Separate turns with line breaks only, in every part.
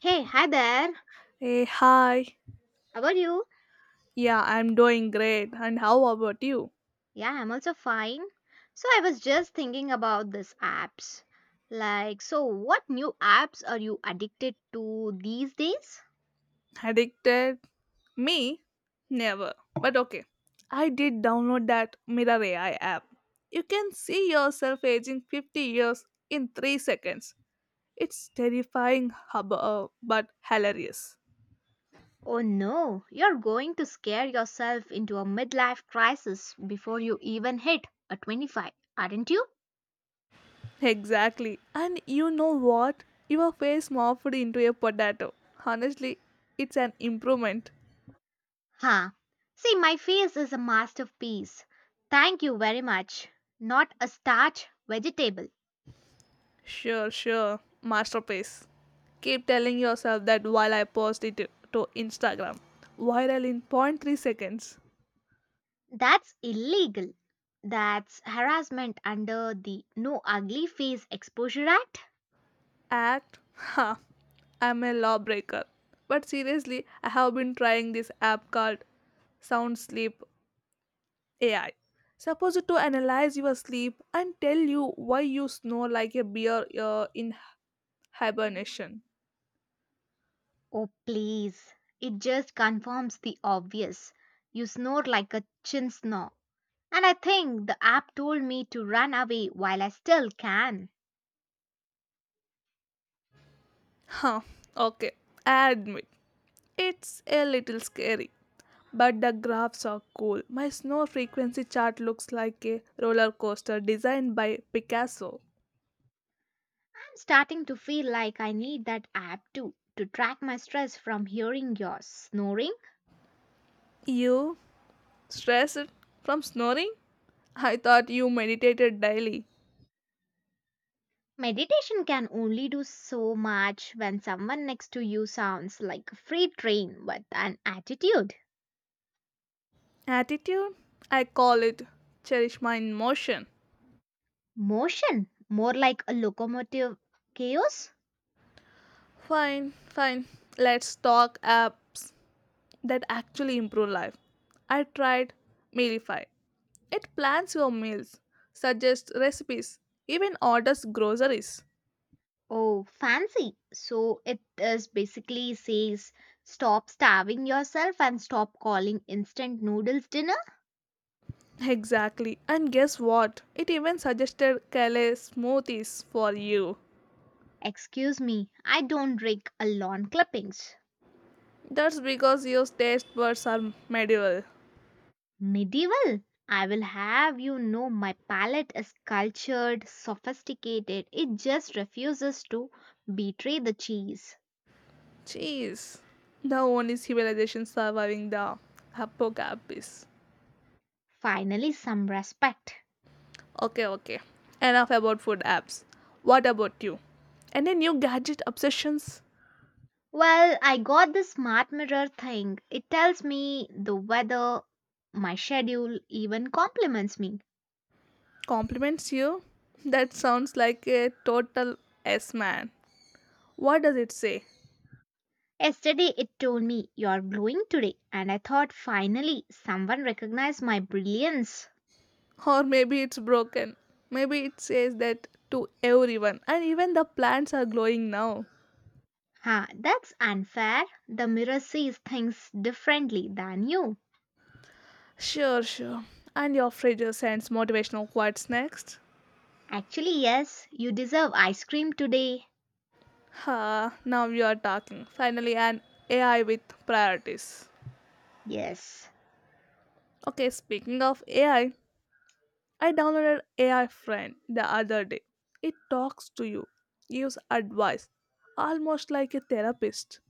Hey, hi there.
Hey, hi.
How are you?
Yeah, I'm doing great. And how about you?
Yeah, I'm also fine. So I was just thinking about these apps. Like, so what new apps are you addicted to these days?
Addicted? Me? Never. But okay. I did download that Mirror AI app. You can see yourself aging 50 years in 3 seconds. It's terrifying, but hilarious.
Oh no, you're going to scare yourself into a midlife crisis before you even hit a 25, aren't you?
Exactly. And you know what? Your face morphed into a potato. Honestly, it's an improvement.
Huh. See, my face is a masterpiece. Thank you very much. Not a starch vegetable.
Sure, sure. Masterpiece. Keep telling yourself that while I post it to Instagram. Viral in zero point 0.3 seconds.
That's illegal. That's harassment under the No Ugly Face Exposure Act.
Act? Ha. I'm a lawbreaker. But seriously, I have been trying this app called Sound Sleep AI. Supposed to analyze your sleep and tell you why you snore like a bear in hibernation.
Oh, please. It just confirms the obvious. You snore like a chin snore. And I think the app told me to run away while I still can.
Huh, okay, I admit, it's a little scary. But the graphs are cool. My snow frequency chart looks like a roller coaster designed by Picasso.
I'm starting to feel like I need that app too to track my stress from hearing yours snoring.
You stressed from snoring? I thought you meditated daily.
Meditation can only do so much when someone next to you sounds like a freight train with an attitude.
Attitude? I call it cherish my emotion.
Motion, more like a locomotive chaos?
Fine, fine. Let's talk apps that actually improve life. I tried Mealify. It plans your meals, suggests recipes, even orders groceries.
Oh, fancy. So it is basically says stop starving yourself and stop calling instant noodles dinner.
Exactly. And guess what? It even suggested Kale smoothies for you.
Excuse me, I don't drink a lawn clippings.
That's because your taste buds are medieval.
Medieval. I will have you know my palate is cultured, sophisticated. It just refuses to betray the cheese.
Jeez. The only civilization surviving the apocalypse.
Finally, some respect.
Okay, okay. Enough about food apps. What about you? Any new gadget obsessions?
Well, I got the smart mirror thing. It tells me the weather, my schedule, even compliments me.
Compliments you? That sounds like a total S man. What does it say?
Yesterday it told me you're glowing today, and I thought finally someone recognized my brilliance.
Or maybe it's broken. Maybe it says that to everyone, and even the plants are glowing now.
Ha, that's unfair. The mirror sees things differently than you.
Sure, sure. And your fridge sends motivational quotes next.
Actually, yes, you deserve ice cream today.
Ha, now you are talking. Finally, an AI with priorities.
Yes.
Okay, speaking of AI, I downloaded AI Friend the other day. It talks to you, gives advice, almost like a therapist.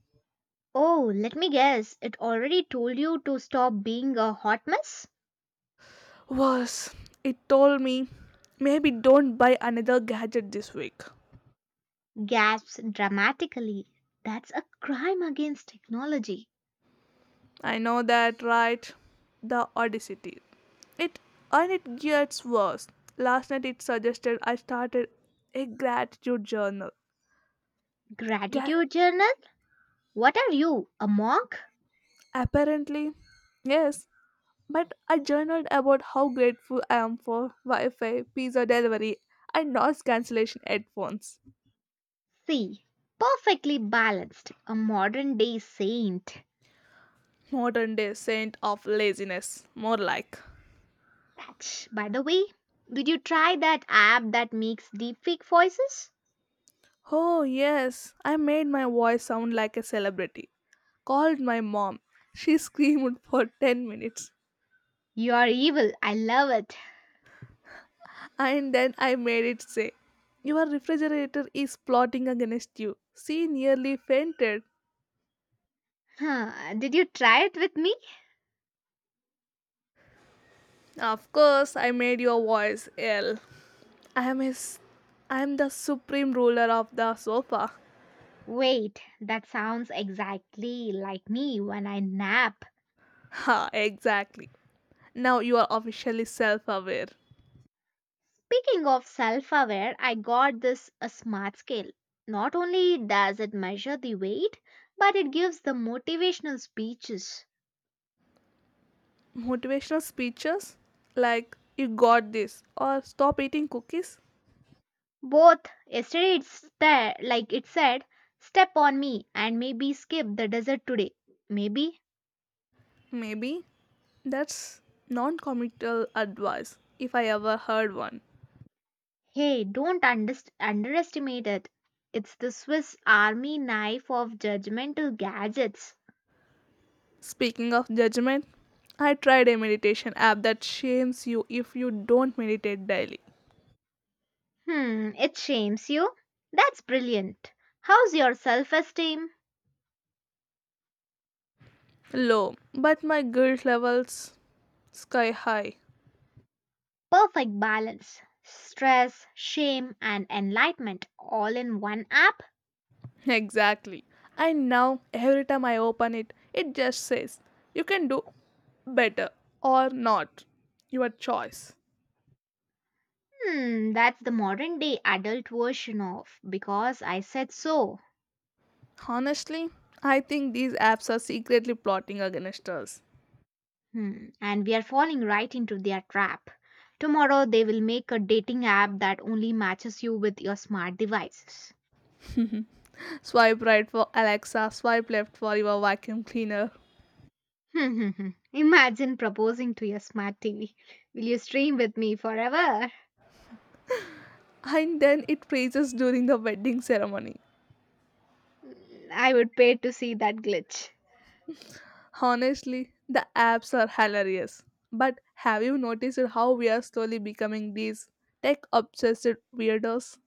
Oh, let me guess. It already told you to stop being a hot mess?
Worse, it told me maybe don't buy another gadget this week.
Gasps dramatically. That's a crime against technology.
I know that, right? The audacity. It and it gets worse. Last night it suggested I started a gratitude journal. Yeah,
Gratitude journal? What are you, a monk?
apparently, yes. But I journaled about how grateful I am for Wi-Fi, pizza delivery, and noise cancellation headphones.
See, perfectly balanced, a modern day saint.
Modern day saint of laziness, more like.
That's, by the way, did you try that app that makes deepfake voices?
Oh yes, I made my voice sound like a celebrity called my mom. She screamed for 10 minutes.
You're evil, I love it.
And then I made it say, your refrigerator is plotting against you. She nearly fainted.
Huh, did you try it with me?
Of course, I made your voice ill. I am his. I am the supreme ruler of the sofa.
Wait, that sounds exactly like me when I nap.
Ha, exactly. Now you are officially self aware.
Speaking of self aware, I got this a smart scale. Not only does it measure the weight, but it gives the motivational speeches.
Motivational speeches? Like, you got this, or stop eating cookies?
Both yesterday it's there, like it said, step on me and maybe skip the desert today. Maybe,
Maybe. That's non committal advice, if I ever heard one.
hey, don't underestimate it. It's the Swiss army knife of judgmental gadgets.
Speaking of judgment, I tried a meditation app that shames you if you don't meditate daily.
Hmm, it shames you. That's brilliant. How's your self esteem?
Low, but my guilt levels sky high.
Perfect balance. Stress, shame, and enlightenment all in one app?
Exactly. And now every time I open it, it just says you can do better or not. Your choice.
Hmm, that's the modern day adult version of because I said so.
Honestly, I think these apps are secretly plotting against us.
Hmm, and we are falling right into their trap. Tomorrow they will make a dating app that only matches you with your smart devices.
Swipe right for Alexa, swipe left for your vacuum cleaner.
Imagine proposing to your smart TV. Will you stream with me forever?
And then it praises during the wedding ceremony.
Mm, I would pay to see that glitch.
Honestly, the apps are hilarious. But have you noticed how we are slowly becoming these tech obsessed weirdos?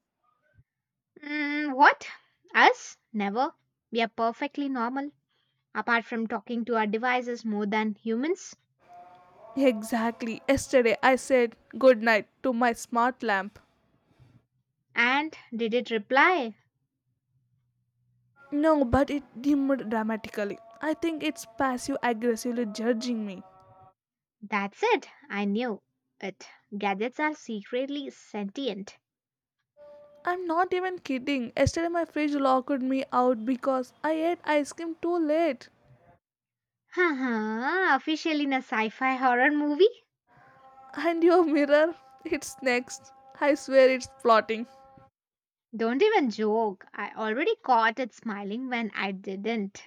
Mm, what? Us? Never. We are perfectly normal, apart from talking to our devices more than humans.
Exactly. Yesterday I said good night to my smart lamp.
And did it reply?
No, but it dimmed dramatically. I think it's passive aggressively judging me.
That's it. I knew it. Gadgets are secretly sentient.
I'm not even kidding. Yesterday my fridge locked me out because I ate ice cream too late.
Haha, official in a sci fi horror movie?
And your mirror? It's next. I swear it's plotting.
Don't even joke. I already caught it smiling when I didn't.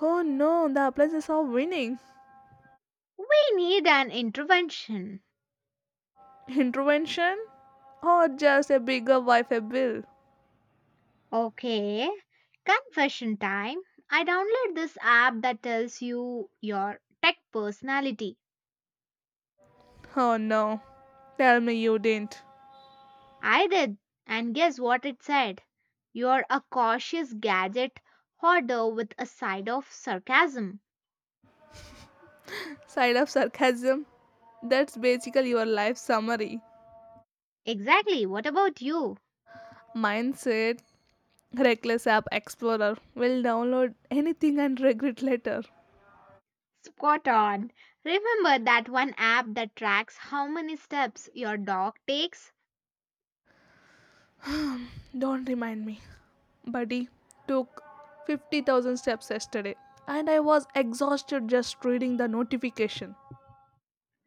Oh no, the appliances are winning.
We need an intervention.
Intervention? Or just a bigger Wi Fi bill?
Okay, confession time. I downloaded this app that tells you your tech personality.
Oh no. Tell me you didn't.
I did, and guess what it said? You're a cautious gadget hoarder with a side of sarcasm.
Side of sarcasm. That's basically your life summary.
Exactly, what about you?
Mine said, reckless App Explorer will download anything and regret later.
Spot on. Remember that one app that tracks how many steps your dog takes?
Don't remind me. Buddy took 50,000 steps yesterday and I was exhausted just reading the notification.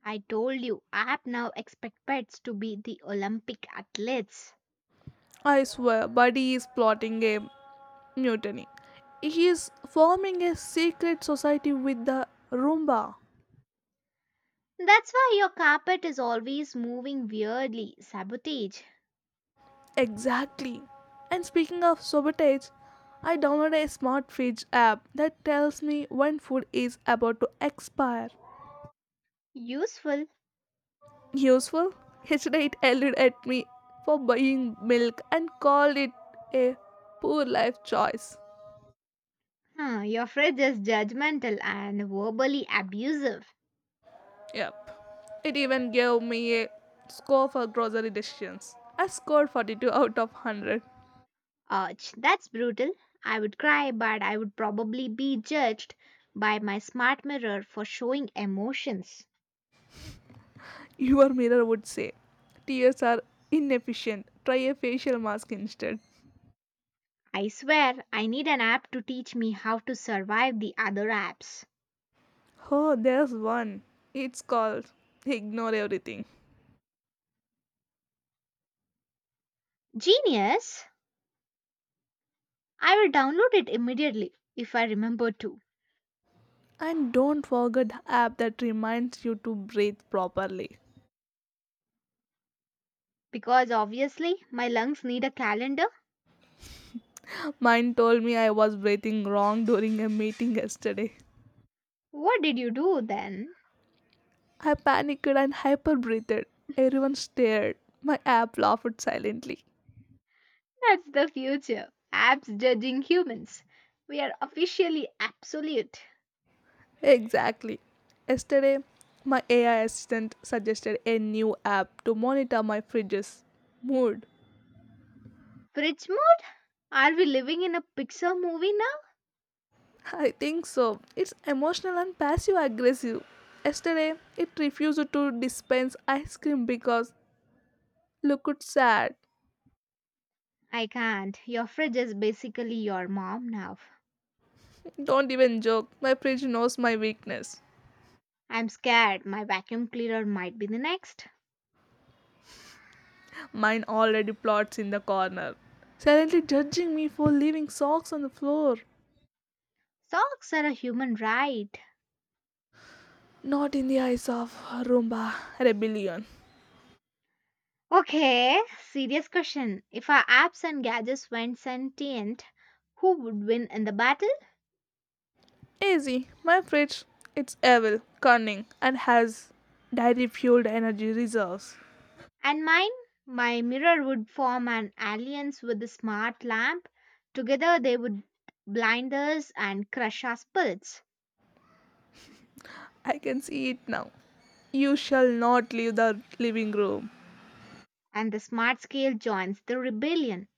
I told you, app now expect pets to be the Olympic athletes.
I swear, Buddy is plotting a mutiny. He is forming a secret society with the Roomba.
That's why your carpet is always moving weirdly. Sabotage.
Exactly. And speaking of sabotage, I downloaded a smart fridge app that tells me when food is about to expire.
Useful.
Useful? Yesterday it yelled at me for buying milk and called it a poor life choice.
Huh, your fridge is judgmental and verbally abusive.
Yep. It even gave me a score for grocery decisions. I scored 42 out of 100.
Ouch, that's brutal. I would cry, but I would probably be judged by my smart mirror for showing emotions.
Your mirror would say, tears are inefficient. Try a facial mask instead.
I swear, I need an app to teach me how to survive the other apps.
Oh, there's one. It's called Ignore Everything.
Genius! I will download it immediately if I remember to.
And don't forget the app that reminds you to breathe properly.
Because obviously, my lungs need a calendar.
Mine told me I was breathing wrong during a meeting yesterday.
What did you do then?
I panicked and hyper breathed. Everyone stared. My app laughed silently.
That's the future. Apps judging humans. We are officially absolute.
Exactly. Yesterday, my AI assistant suggested a new app to monitor my fridge's mood.
Fridge mode? Are we living in a Pixar movie now?
I think so. It's emotional and passive aggressive. Yesterday, it refused to dispense ice cream because look it's sad.
I can't. Your fridge is basically your mom now.
Don't even joke. My fridge knows my weakness.
I'm scared my vacuum cleaner might be the next.
Mine already plots in the corner, silently judging me for leaving socks on the floor.
Socks are a human right.
Not in the eyes of Roomba Rebellion.
Okay, serious question. If our apps and gadgets went sentient, who would win in the battle?
Easy, my fridge. It's evil, cunning, and has dairy fueled energy reserves.
And mine? My mirror would form an alliance with the smart lamp. Together they would blind us and crush our spirits.
I can see it now. You shall not leave the living room.
And the smart scale joins the rebellion.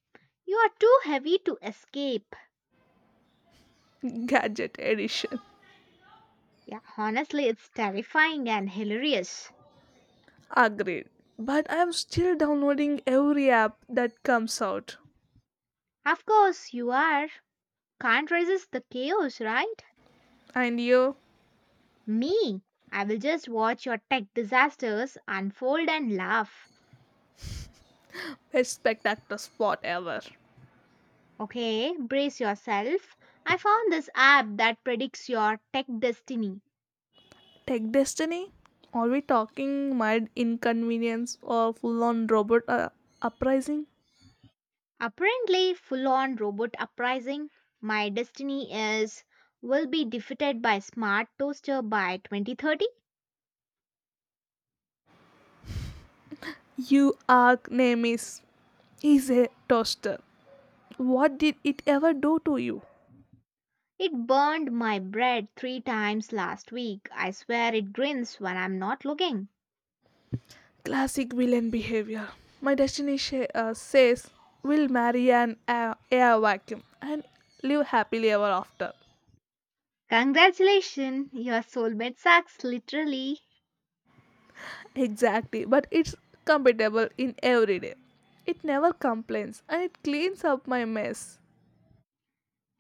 You are too heavy to escape.
Gadget edition.
Yeah, honestly, it's terrifying and hilarious.
Agreed. But I'm still downloading every app that comes out.
Of course, you are. Can't resist the chaos, right?
And you,
Me? I will just watch your tech disasters unfold and laugh.
best spectacular spot ever.
Okay, brace yourself. I found this app that predicts your tech destiny.
Tech Destiny? Are we talking mild inconvenience or full on robot uprising?
Apparently, full on robot uprising. My destiny is will be defeated by smart toaster by 2030.
You arch nemesis is a toaster. What did it ever do to you?
It burned my bread three times last week. I swear it grins when I'm not looking.
Classic villain behavior. My destiny says we'll marry an air vacuum and live happily ever after.
Congratulations, your soulmate sucks, literally.
Exactly, but it's compatible in every day. It never complains and it cleans up my mess.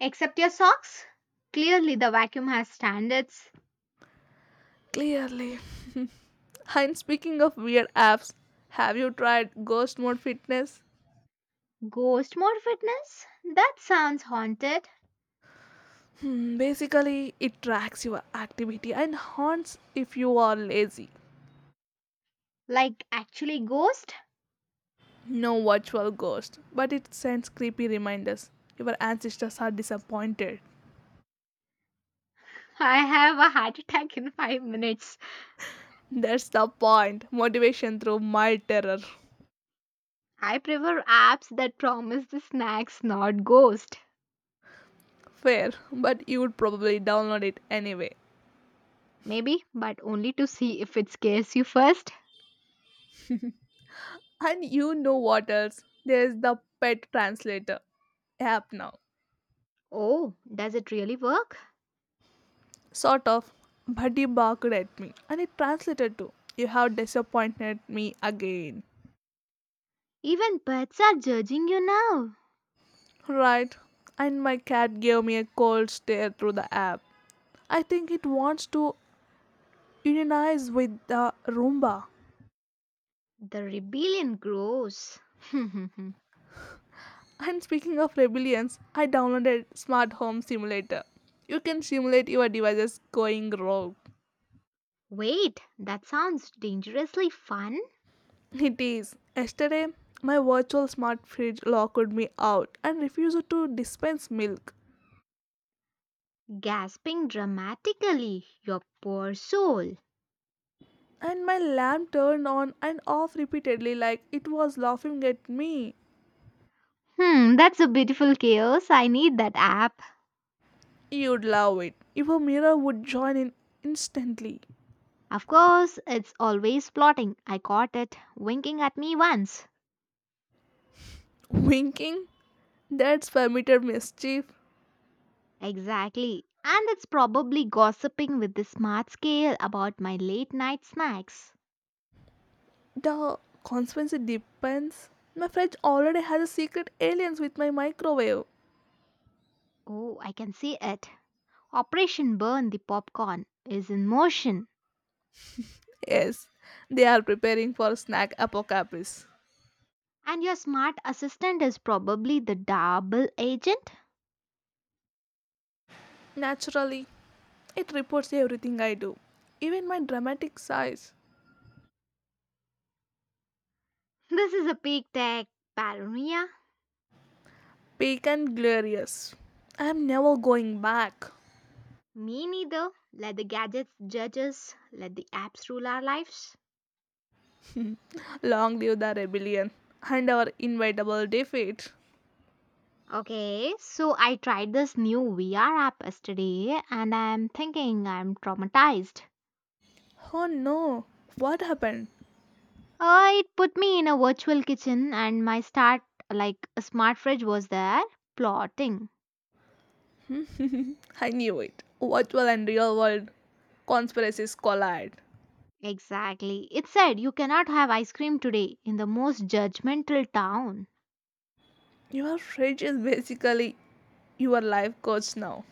Except your socks? Clearly, the vacuum has standards.
Clearly. And speaking of weird apps, have you tried Ghost Mode Fitness?
Ghost more fitness? That sounds haunted.
Hmm, basically, it tracks your activity and haunts if you are lazy.
Like actually ghost?
No virtual ghost, but it sends creepy reminders. Your ancestors are disappointed.
I have a heart attack in 5 minutes.
That's the point. Motivation through mild terror.
I prefer apps that promise the snacks not ghost.
Fair, but you would probably download it anyway.
Maybe, but only to see if it scares you first.
And you know what else? There's the pet translator app now.
Oh, does it really work?
Sort of. Buddy barked at me and it translated to you have disappointed me again.
Even pets are judging you now.
Right. And my cat gave me a cold stare through the app. I think it wants to unionize with the Roomba.
The rebellion grows.
And speaking of rebellions, I downloaded Smart Home Simulator. You can simulate your devices going rogue.
Wait, that sounds dangerously fun.
It is. Yesterday, my virtual smart fridge locked me out and refused to dispense milk.
Gasping dramatically, your poor soul.
And my lamp turned on and off repeatedly like it was laughing at me.
Hmm, that's a beautiful chaos. I need that app.
You'd love it. If a mirror would join in instantly.
Of course, it's always plotting. I caught it winking at me once.
Winking? That's permitted mischief.
Exactly. And it's probably gossiping with the smart scale about my late night snacks.
The consequence depends. My fridge already has a secret aliens with my microwave.
Oh, I can see it. Operation Burn the Popcorn is in motion.
Yes, they are preparing for snack apocalypse.
And your smart assistant is probably the double agent?
Naturally, it reports everything I do, even my dramatic size.
This is a peak tech paranoia.
Peak and glorious. I am never going back.
Me neither. Let the gadgets judge us, let the apps rule our lives.
Long live the rebellion and our inevitable defeat.
Okay, so I tried this new VR app yesterday and I'm thinking I'm traumatized.
Oh no, what happened?
It put me in a virtual kitchen and like a smart fridge, was there plotting.
I knew it. Virtual and real world conspiracies collide.
Exactly. It said you cannot have ice cream today in the most judgmental town.
Your fridge is basically your life coach now.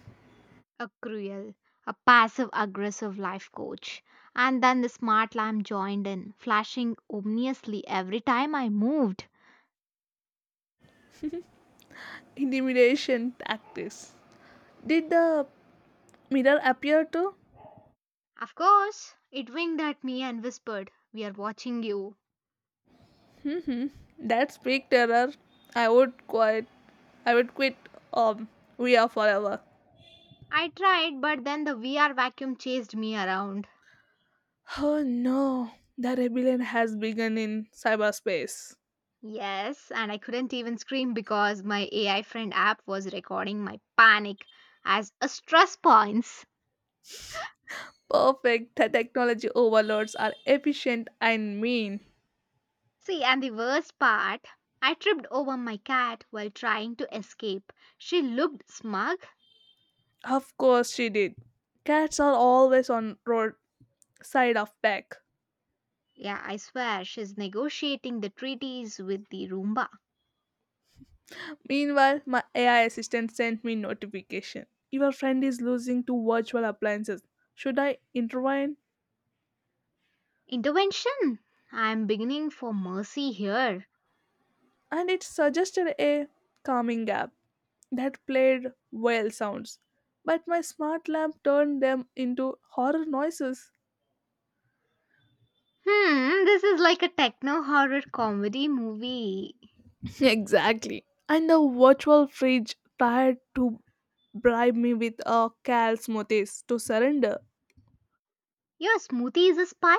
A cruel, a passive aggressive life coach. And then the smart lamp joined in, flashing ominously every time I moved.
Intimidation tactics. Did the mirror appear too?
Of course, it winked at me and whispered, We are watching you.
That's big terror. I would quit. I would quit. Um, we are forever.
I tried, but then the VR vacuum chased me around.
Oh no, the rebellion has begun in cyberspace.
Yes, and I couldn't even scream because my AI friend app was recording my panic as a stress points.
Perfect. The technology overlords are efficient and mean.
See, and the worst part, I tripped over my cat while trying to escape. She looked smug.
Of course she did. Cats are always on road side of back.
Yeah, I swear she's negotiating the treaties with the Roomba.
Meanwhile, my AI assistant sent me notification. Your friend is losing to virtual appliances. Should I intervene?
Intervention! I'm beginning for mercy here.
And it suggested a calming app that played whale sounds. But my smart lamp turned them into horror noises.
Hmm, this is like a techno horror comedy movie.
Exactly. And the virtual fridge tried to bribe me with a cal smoothies to surrender.
Your smoothie is a spy?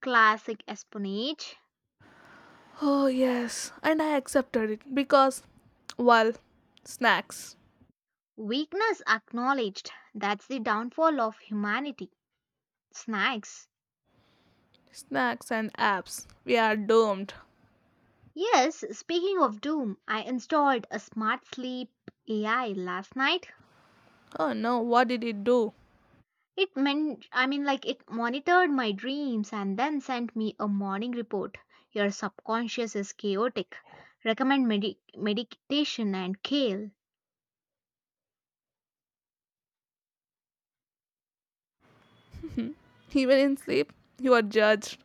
Classic espionage.
Oh yes, and I accepted it because well, snacks.
Weakness acknowledged. That's the downfall of humanity. Snacks.
Snacks and apps. We are doomed.
Yes, speaking of Doom, I installed a smart sleep AI last night.
Oh no, what did it do?
I mean, like, it monitored my dreams and then sent me a morning report. Your subconscious is chaotic. Recommend meditation and kale.
Even in sleep, you are judged.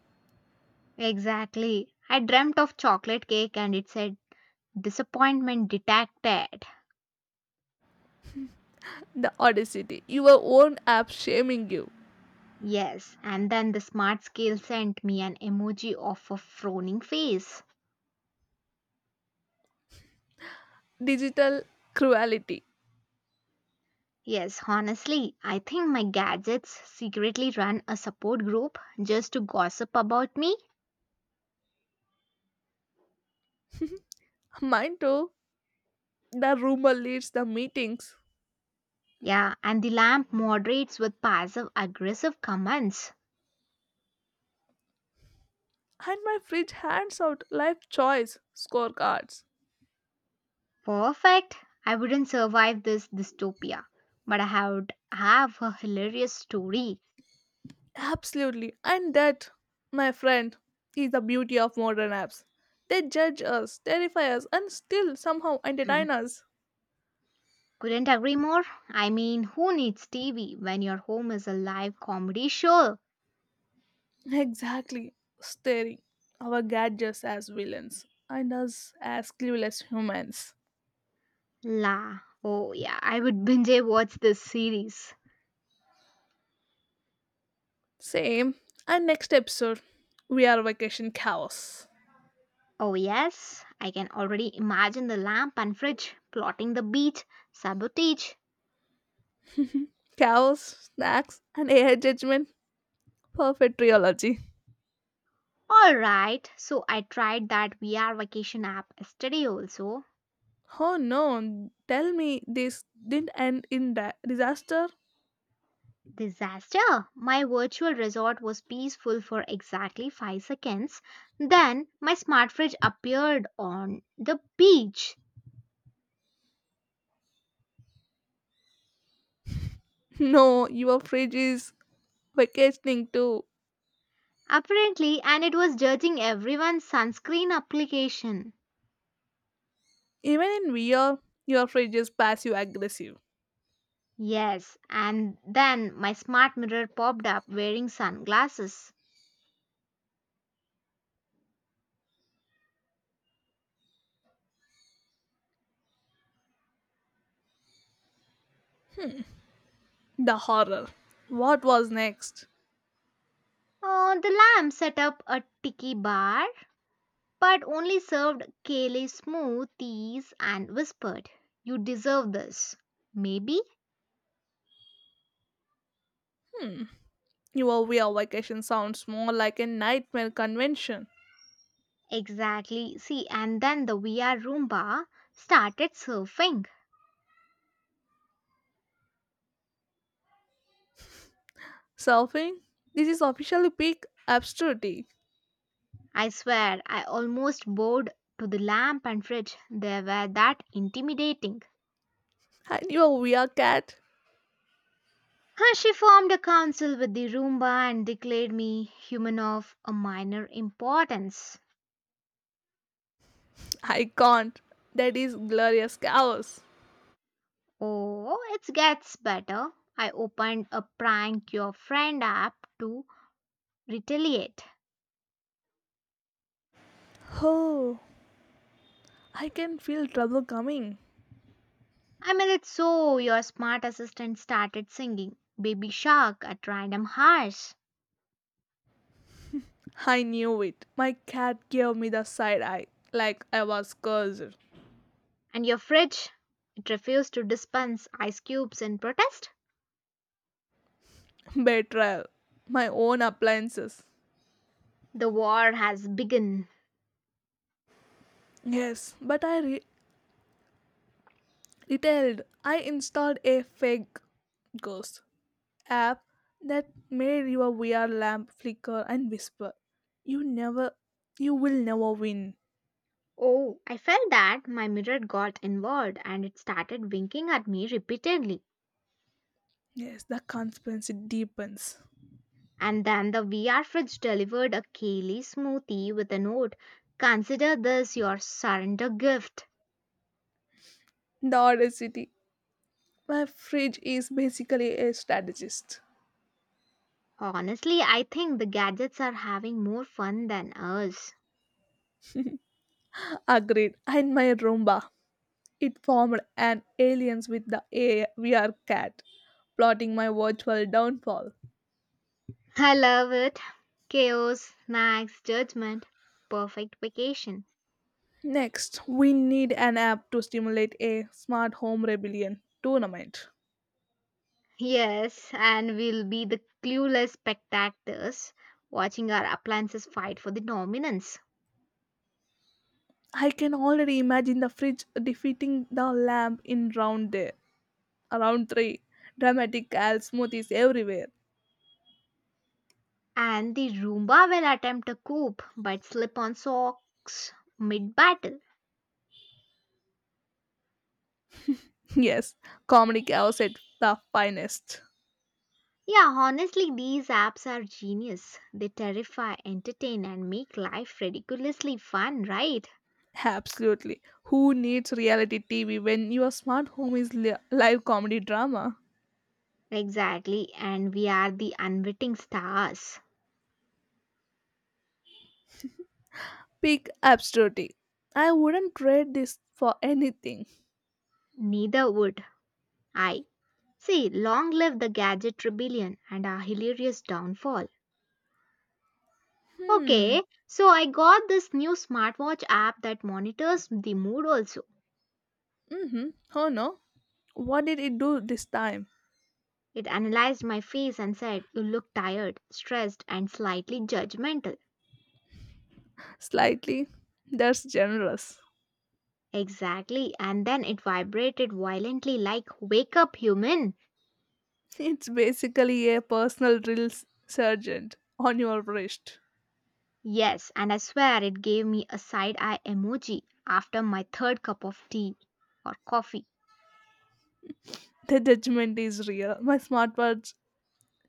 Exactly. I dreamt of chocolate cake and it said disappointment detected.
The audacity. Your own app shaming you.
Yes, and then the smart scale sent me an emoji of a frowning face.
Digital cruelty.
Yes, honestly, I think my gadgets secretly run a support group just to gossip about me.
Mine too. The rumor leads the meetings.
Yeah, and the lamp moderates with passive aggressive comments.
And my fridge hands out life choice scorecards.
Perfect. I wouldn't survive this dystopia, but I would have a hilarious story.
Absolutely. And that, my friend, is the beauty of modern apps. They judge us, terrify us, and still somehow entertain us.
Couldn't agree more. I mean, who needs TV when your home is a live comedy show?
Exactly, staring our gadgets as villains and us as clueless humans.
La. Oh, yeah, I would binge watch this series.
Same. And next episode, we are vacation chaos.
Oh, yes, I can already imagine the lamp and fridge, plotting the beach, sabotage.
Chaos, snacks, and AI judgment. Perfect trilogy.
Alright, so I tried that VR vacation app yesterday also.
Oh no, tell me this didn't end in that disaster?
Disaster! My virtual resort was peaceful for exactly 5 seconds. Then my smart fridge appeared on the beach.
No, your fridge is vacationing too.
Apparently, and it was judging everyone's sunscreen application.
Even in VR, your fridge is passive aggressive.
Yes, and then my smart mirror popped up wearing sunglasses.
The horror. What was next?
Oh, the lamp set up a tiki bar, but only served kale smooth teas and whispered, You deserve this. Maybe?
Your real vacation sounds more like a nightmare convention.
Exactly. See, and then the VR Roomba started surfing.
Surfing? This is officially peak absurdity.
I swear, I almost bowed to the lamp and fridge. They were that intimidating.
And your real cat?
Huh, she formed a council with the Roomba and declared me human of a minor importance.
I can't. That is glorious chaos.
Oh, it gets better. I opened a prank your friend app to retaliate.
Oh, I can feel trouble coming.
I mean, it's so your smart assistant started singing Baby Shark at random hours.
I knew it. My cat gave me the side eye, like I was cursed.
And your fridge, it refused to dispense ice cubes in protest.
Betrayal. My own appliances.
The war has begun.
Yes, but I retailed. I installed a fake ghost app that made your VR lamp flicker and whisper, you never, you will never win.
Oh, I felt that my mirror got involved and it started winking at me repeatedly.
Yes, the conspiracy deepens.
And then the VR fridge delivered a Kaylee smoothie with a note. Consider this your surrender gift.
The audacity. My fridge is basically a strategist.
Honestly, I think the gadgets are having more fun than us.
Agreed. And my Roomba. It formed an alliance with the VR cat, plotting my virtual downfall.
I love it. Chaos, snacks, judgment, perfect vacation.
Next, we need an app to stimulate a smart home rebellion tournament.
Yes, and we'll be the clueless spectators watching our appliances fight for the dominance.
I can already imagine the fridge defeating the lamp in round there. Around three, dramatic cal smoothies everywhere.
And the Roomba will attempt to cope but slip on socks mid battle.
Yes, comedy chaos at the finest.
Yeah, honestly, these apps are genius. They terrify, entertain, and make life ridiculously fun, right?
Absolutely. Who needs reality TV when your smart home is live comedy drama?
Exactly, and we are the unwitting stars.
Peak absurdity. I wouldn't trade this for anything.
Neither would I. See, long live the gadget rebellion and our hilarious downfall.
Hmm.
Okay, so I got this new smartwatch app that monitors the mood also.
Mm-hmm. Oh no. What did it do this time?
It analyzed my face and said, You look tired, stressed, and slightly judgmental.
Slightly. That's generous.
Exactly. And then it vibrated violently, like, Wake up, human!
It's basically a personal drill sergeant on your wrist.
Yes, and I swear it gave me a side eye emoji after my third cup of tea or coffee.
The judgment is real. My smartwatch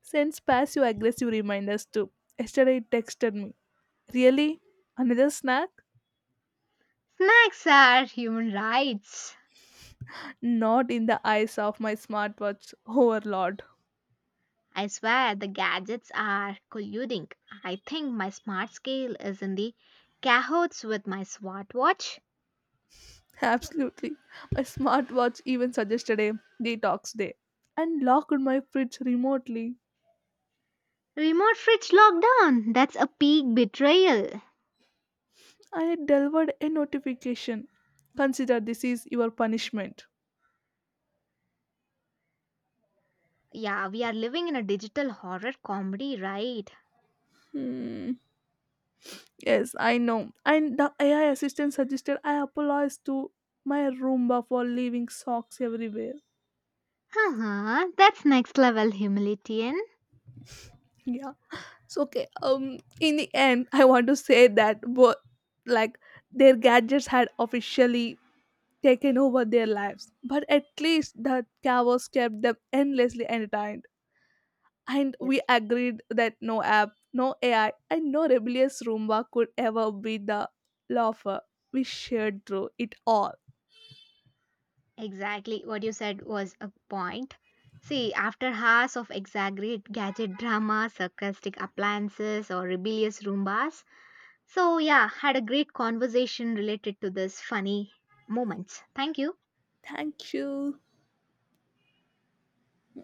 sends passive aggressive reminders too. Yesterday it texted me. Really? Another snack?
Snacks are human rights.
Not in the eyes of my smartwatch overlord.
I swear the gadgets are colluding. I think my smart scale is in the cahoots with my smartwatch.
Absolutely. My smartwatch even suggested a detox day and locked my fridge remotely.
Remote fridge lockdown. That's a peak betrayal.
I delivered a notification. Consider this is your punishment.
Yeah, we are living in a digital horror comedy, right?
Hmm. Yes, I know. And the AI assistant suggested I apologize to my Roomba for leaving socks everywhere.
Haha, that's next level humiliation.
Yeah. So okay. In the end, I want to say that, but like their gadgets had officially taken over their lives, but at least the chaos kept them endlessly entertained. And we
Yes,
agreed that no app, no AI, and no rebellious Roomba could ever be the loafer we shared through it all.
exactly. What you said was a point. See, after hours of exaggerate gadget drama, sarcastic appliances, or rebellious Roombas. So, yeah, had a great conversation related to this funny moments. Thank you.
Thank you.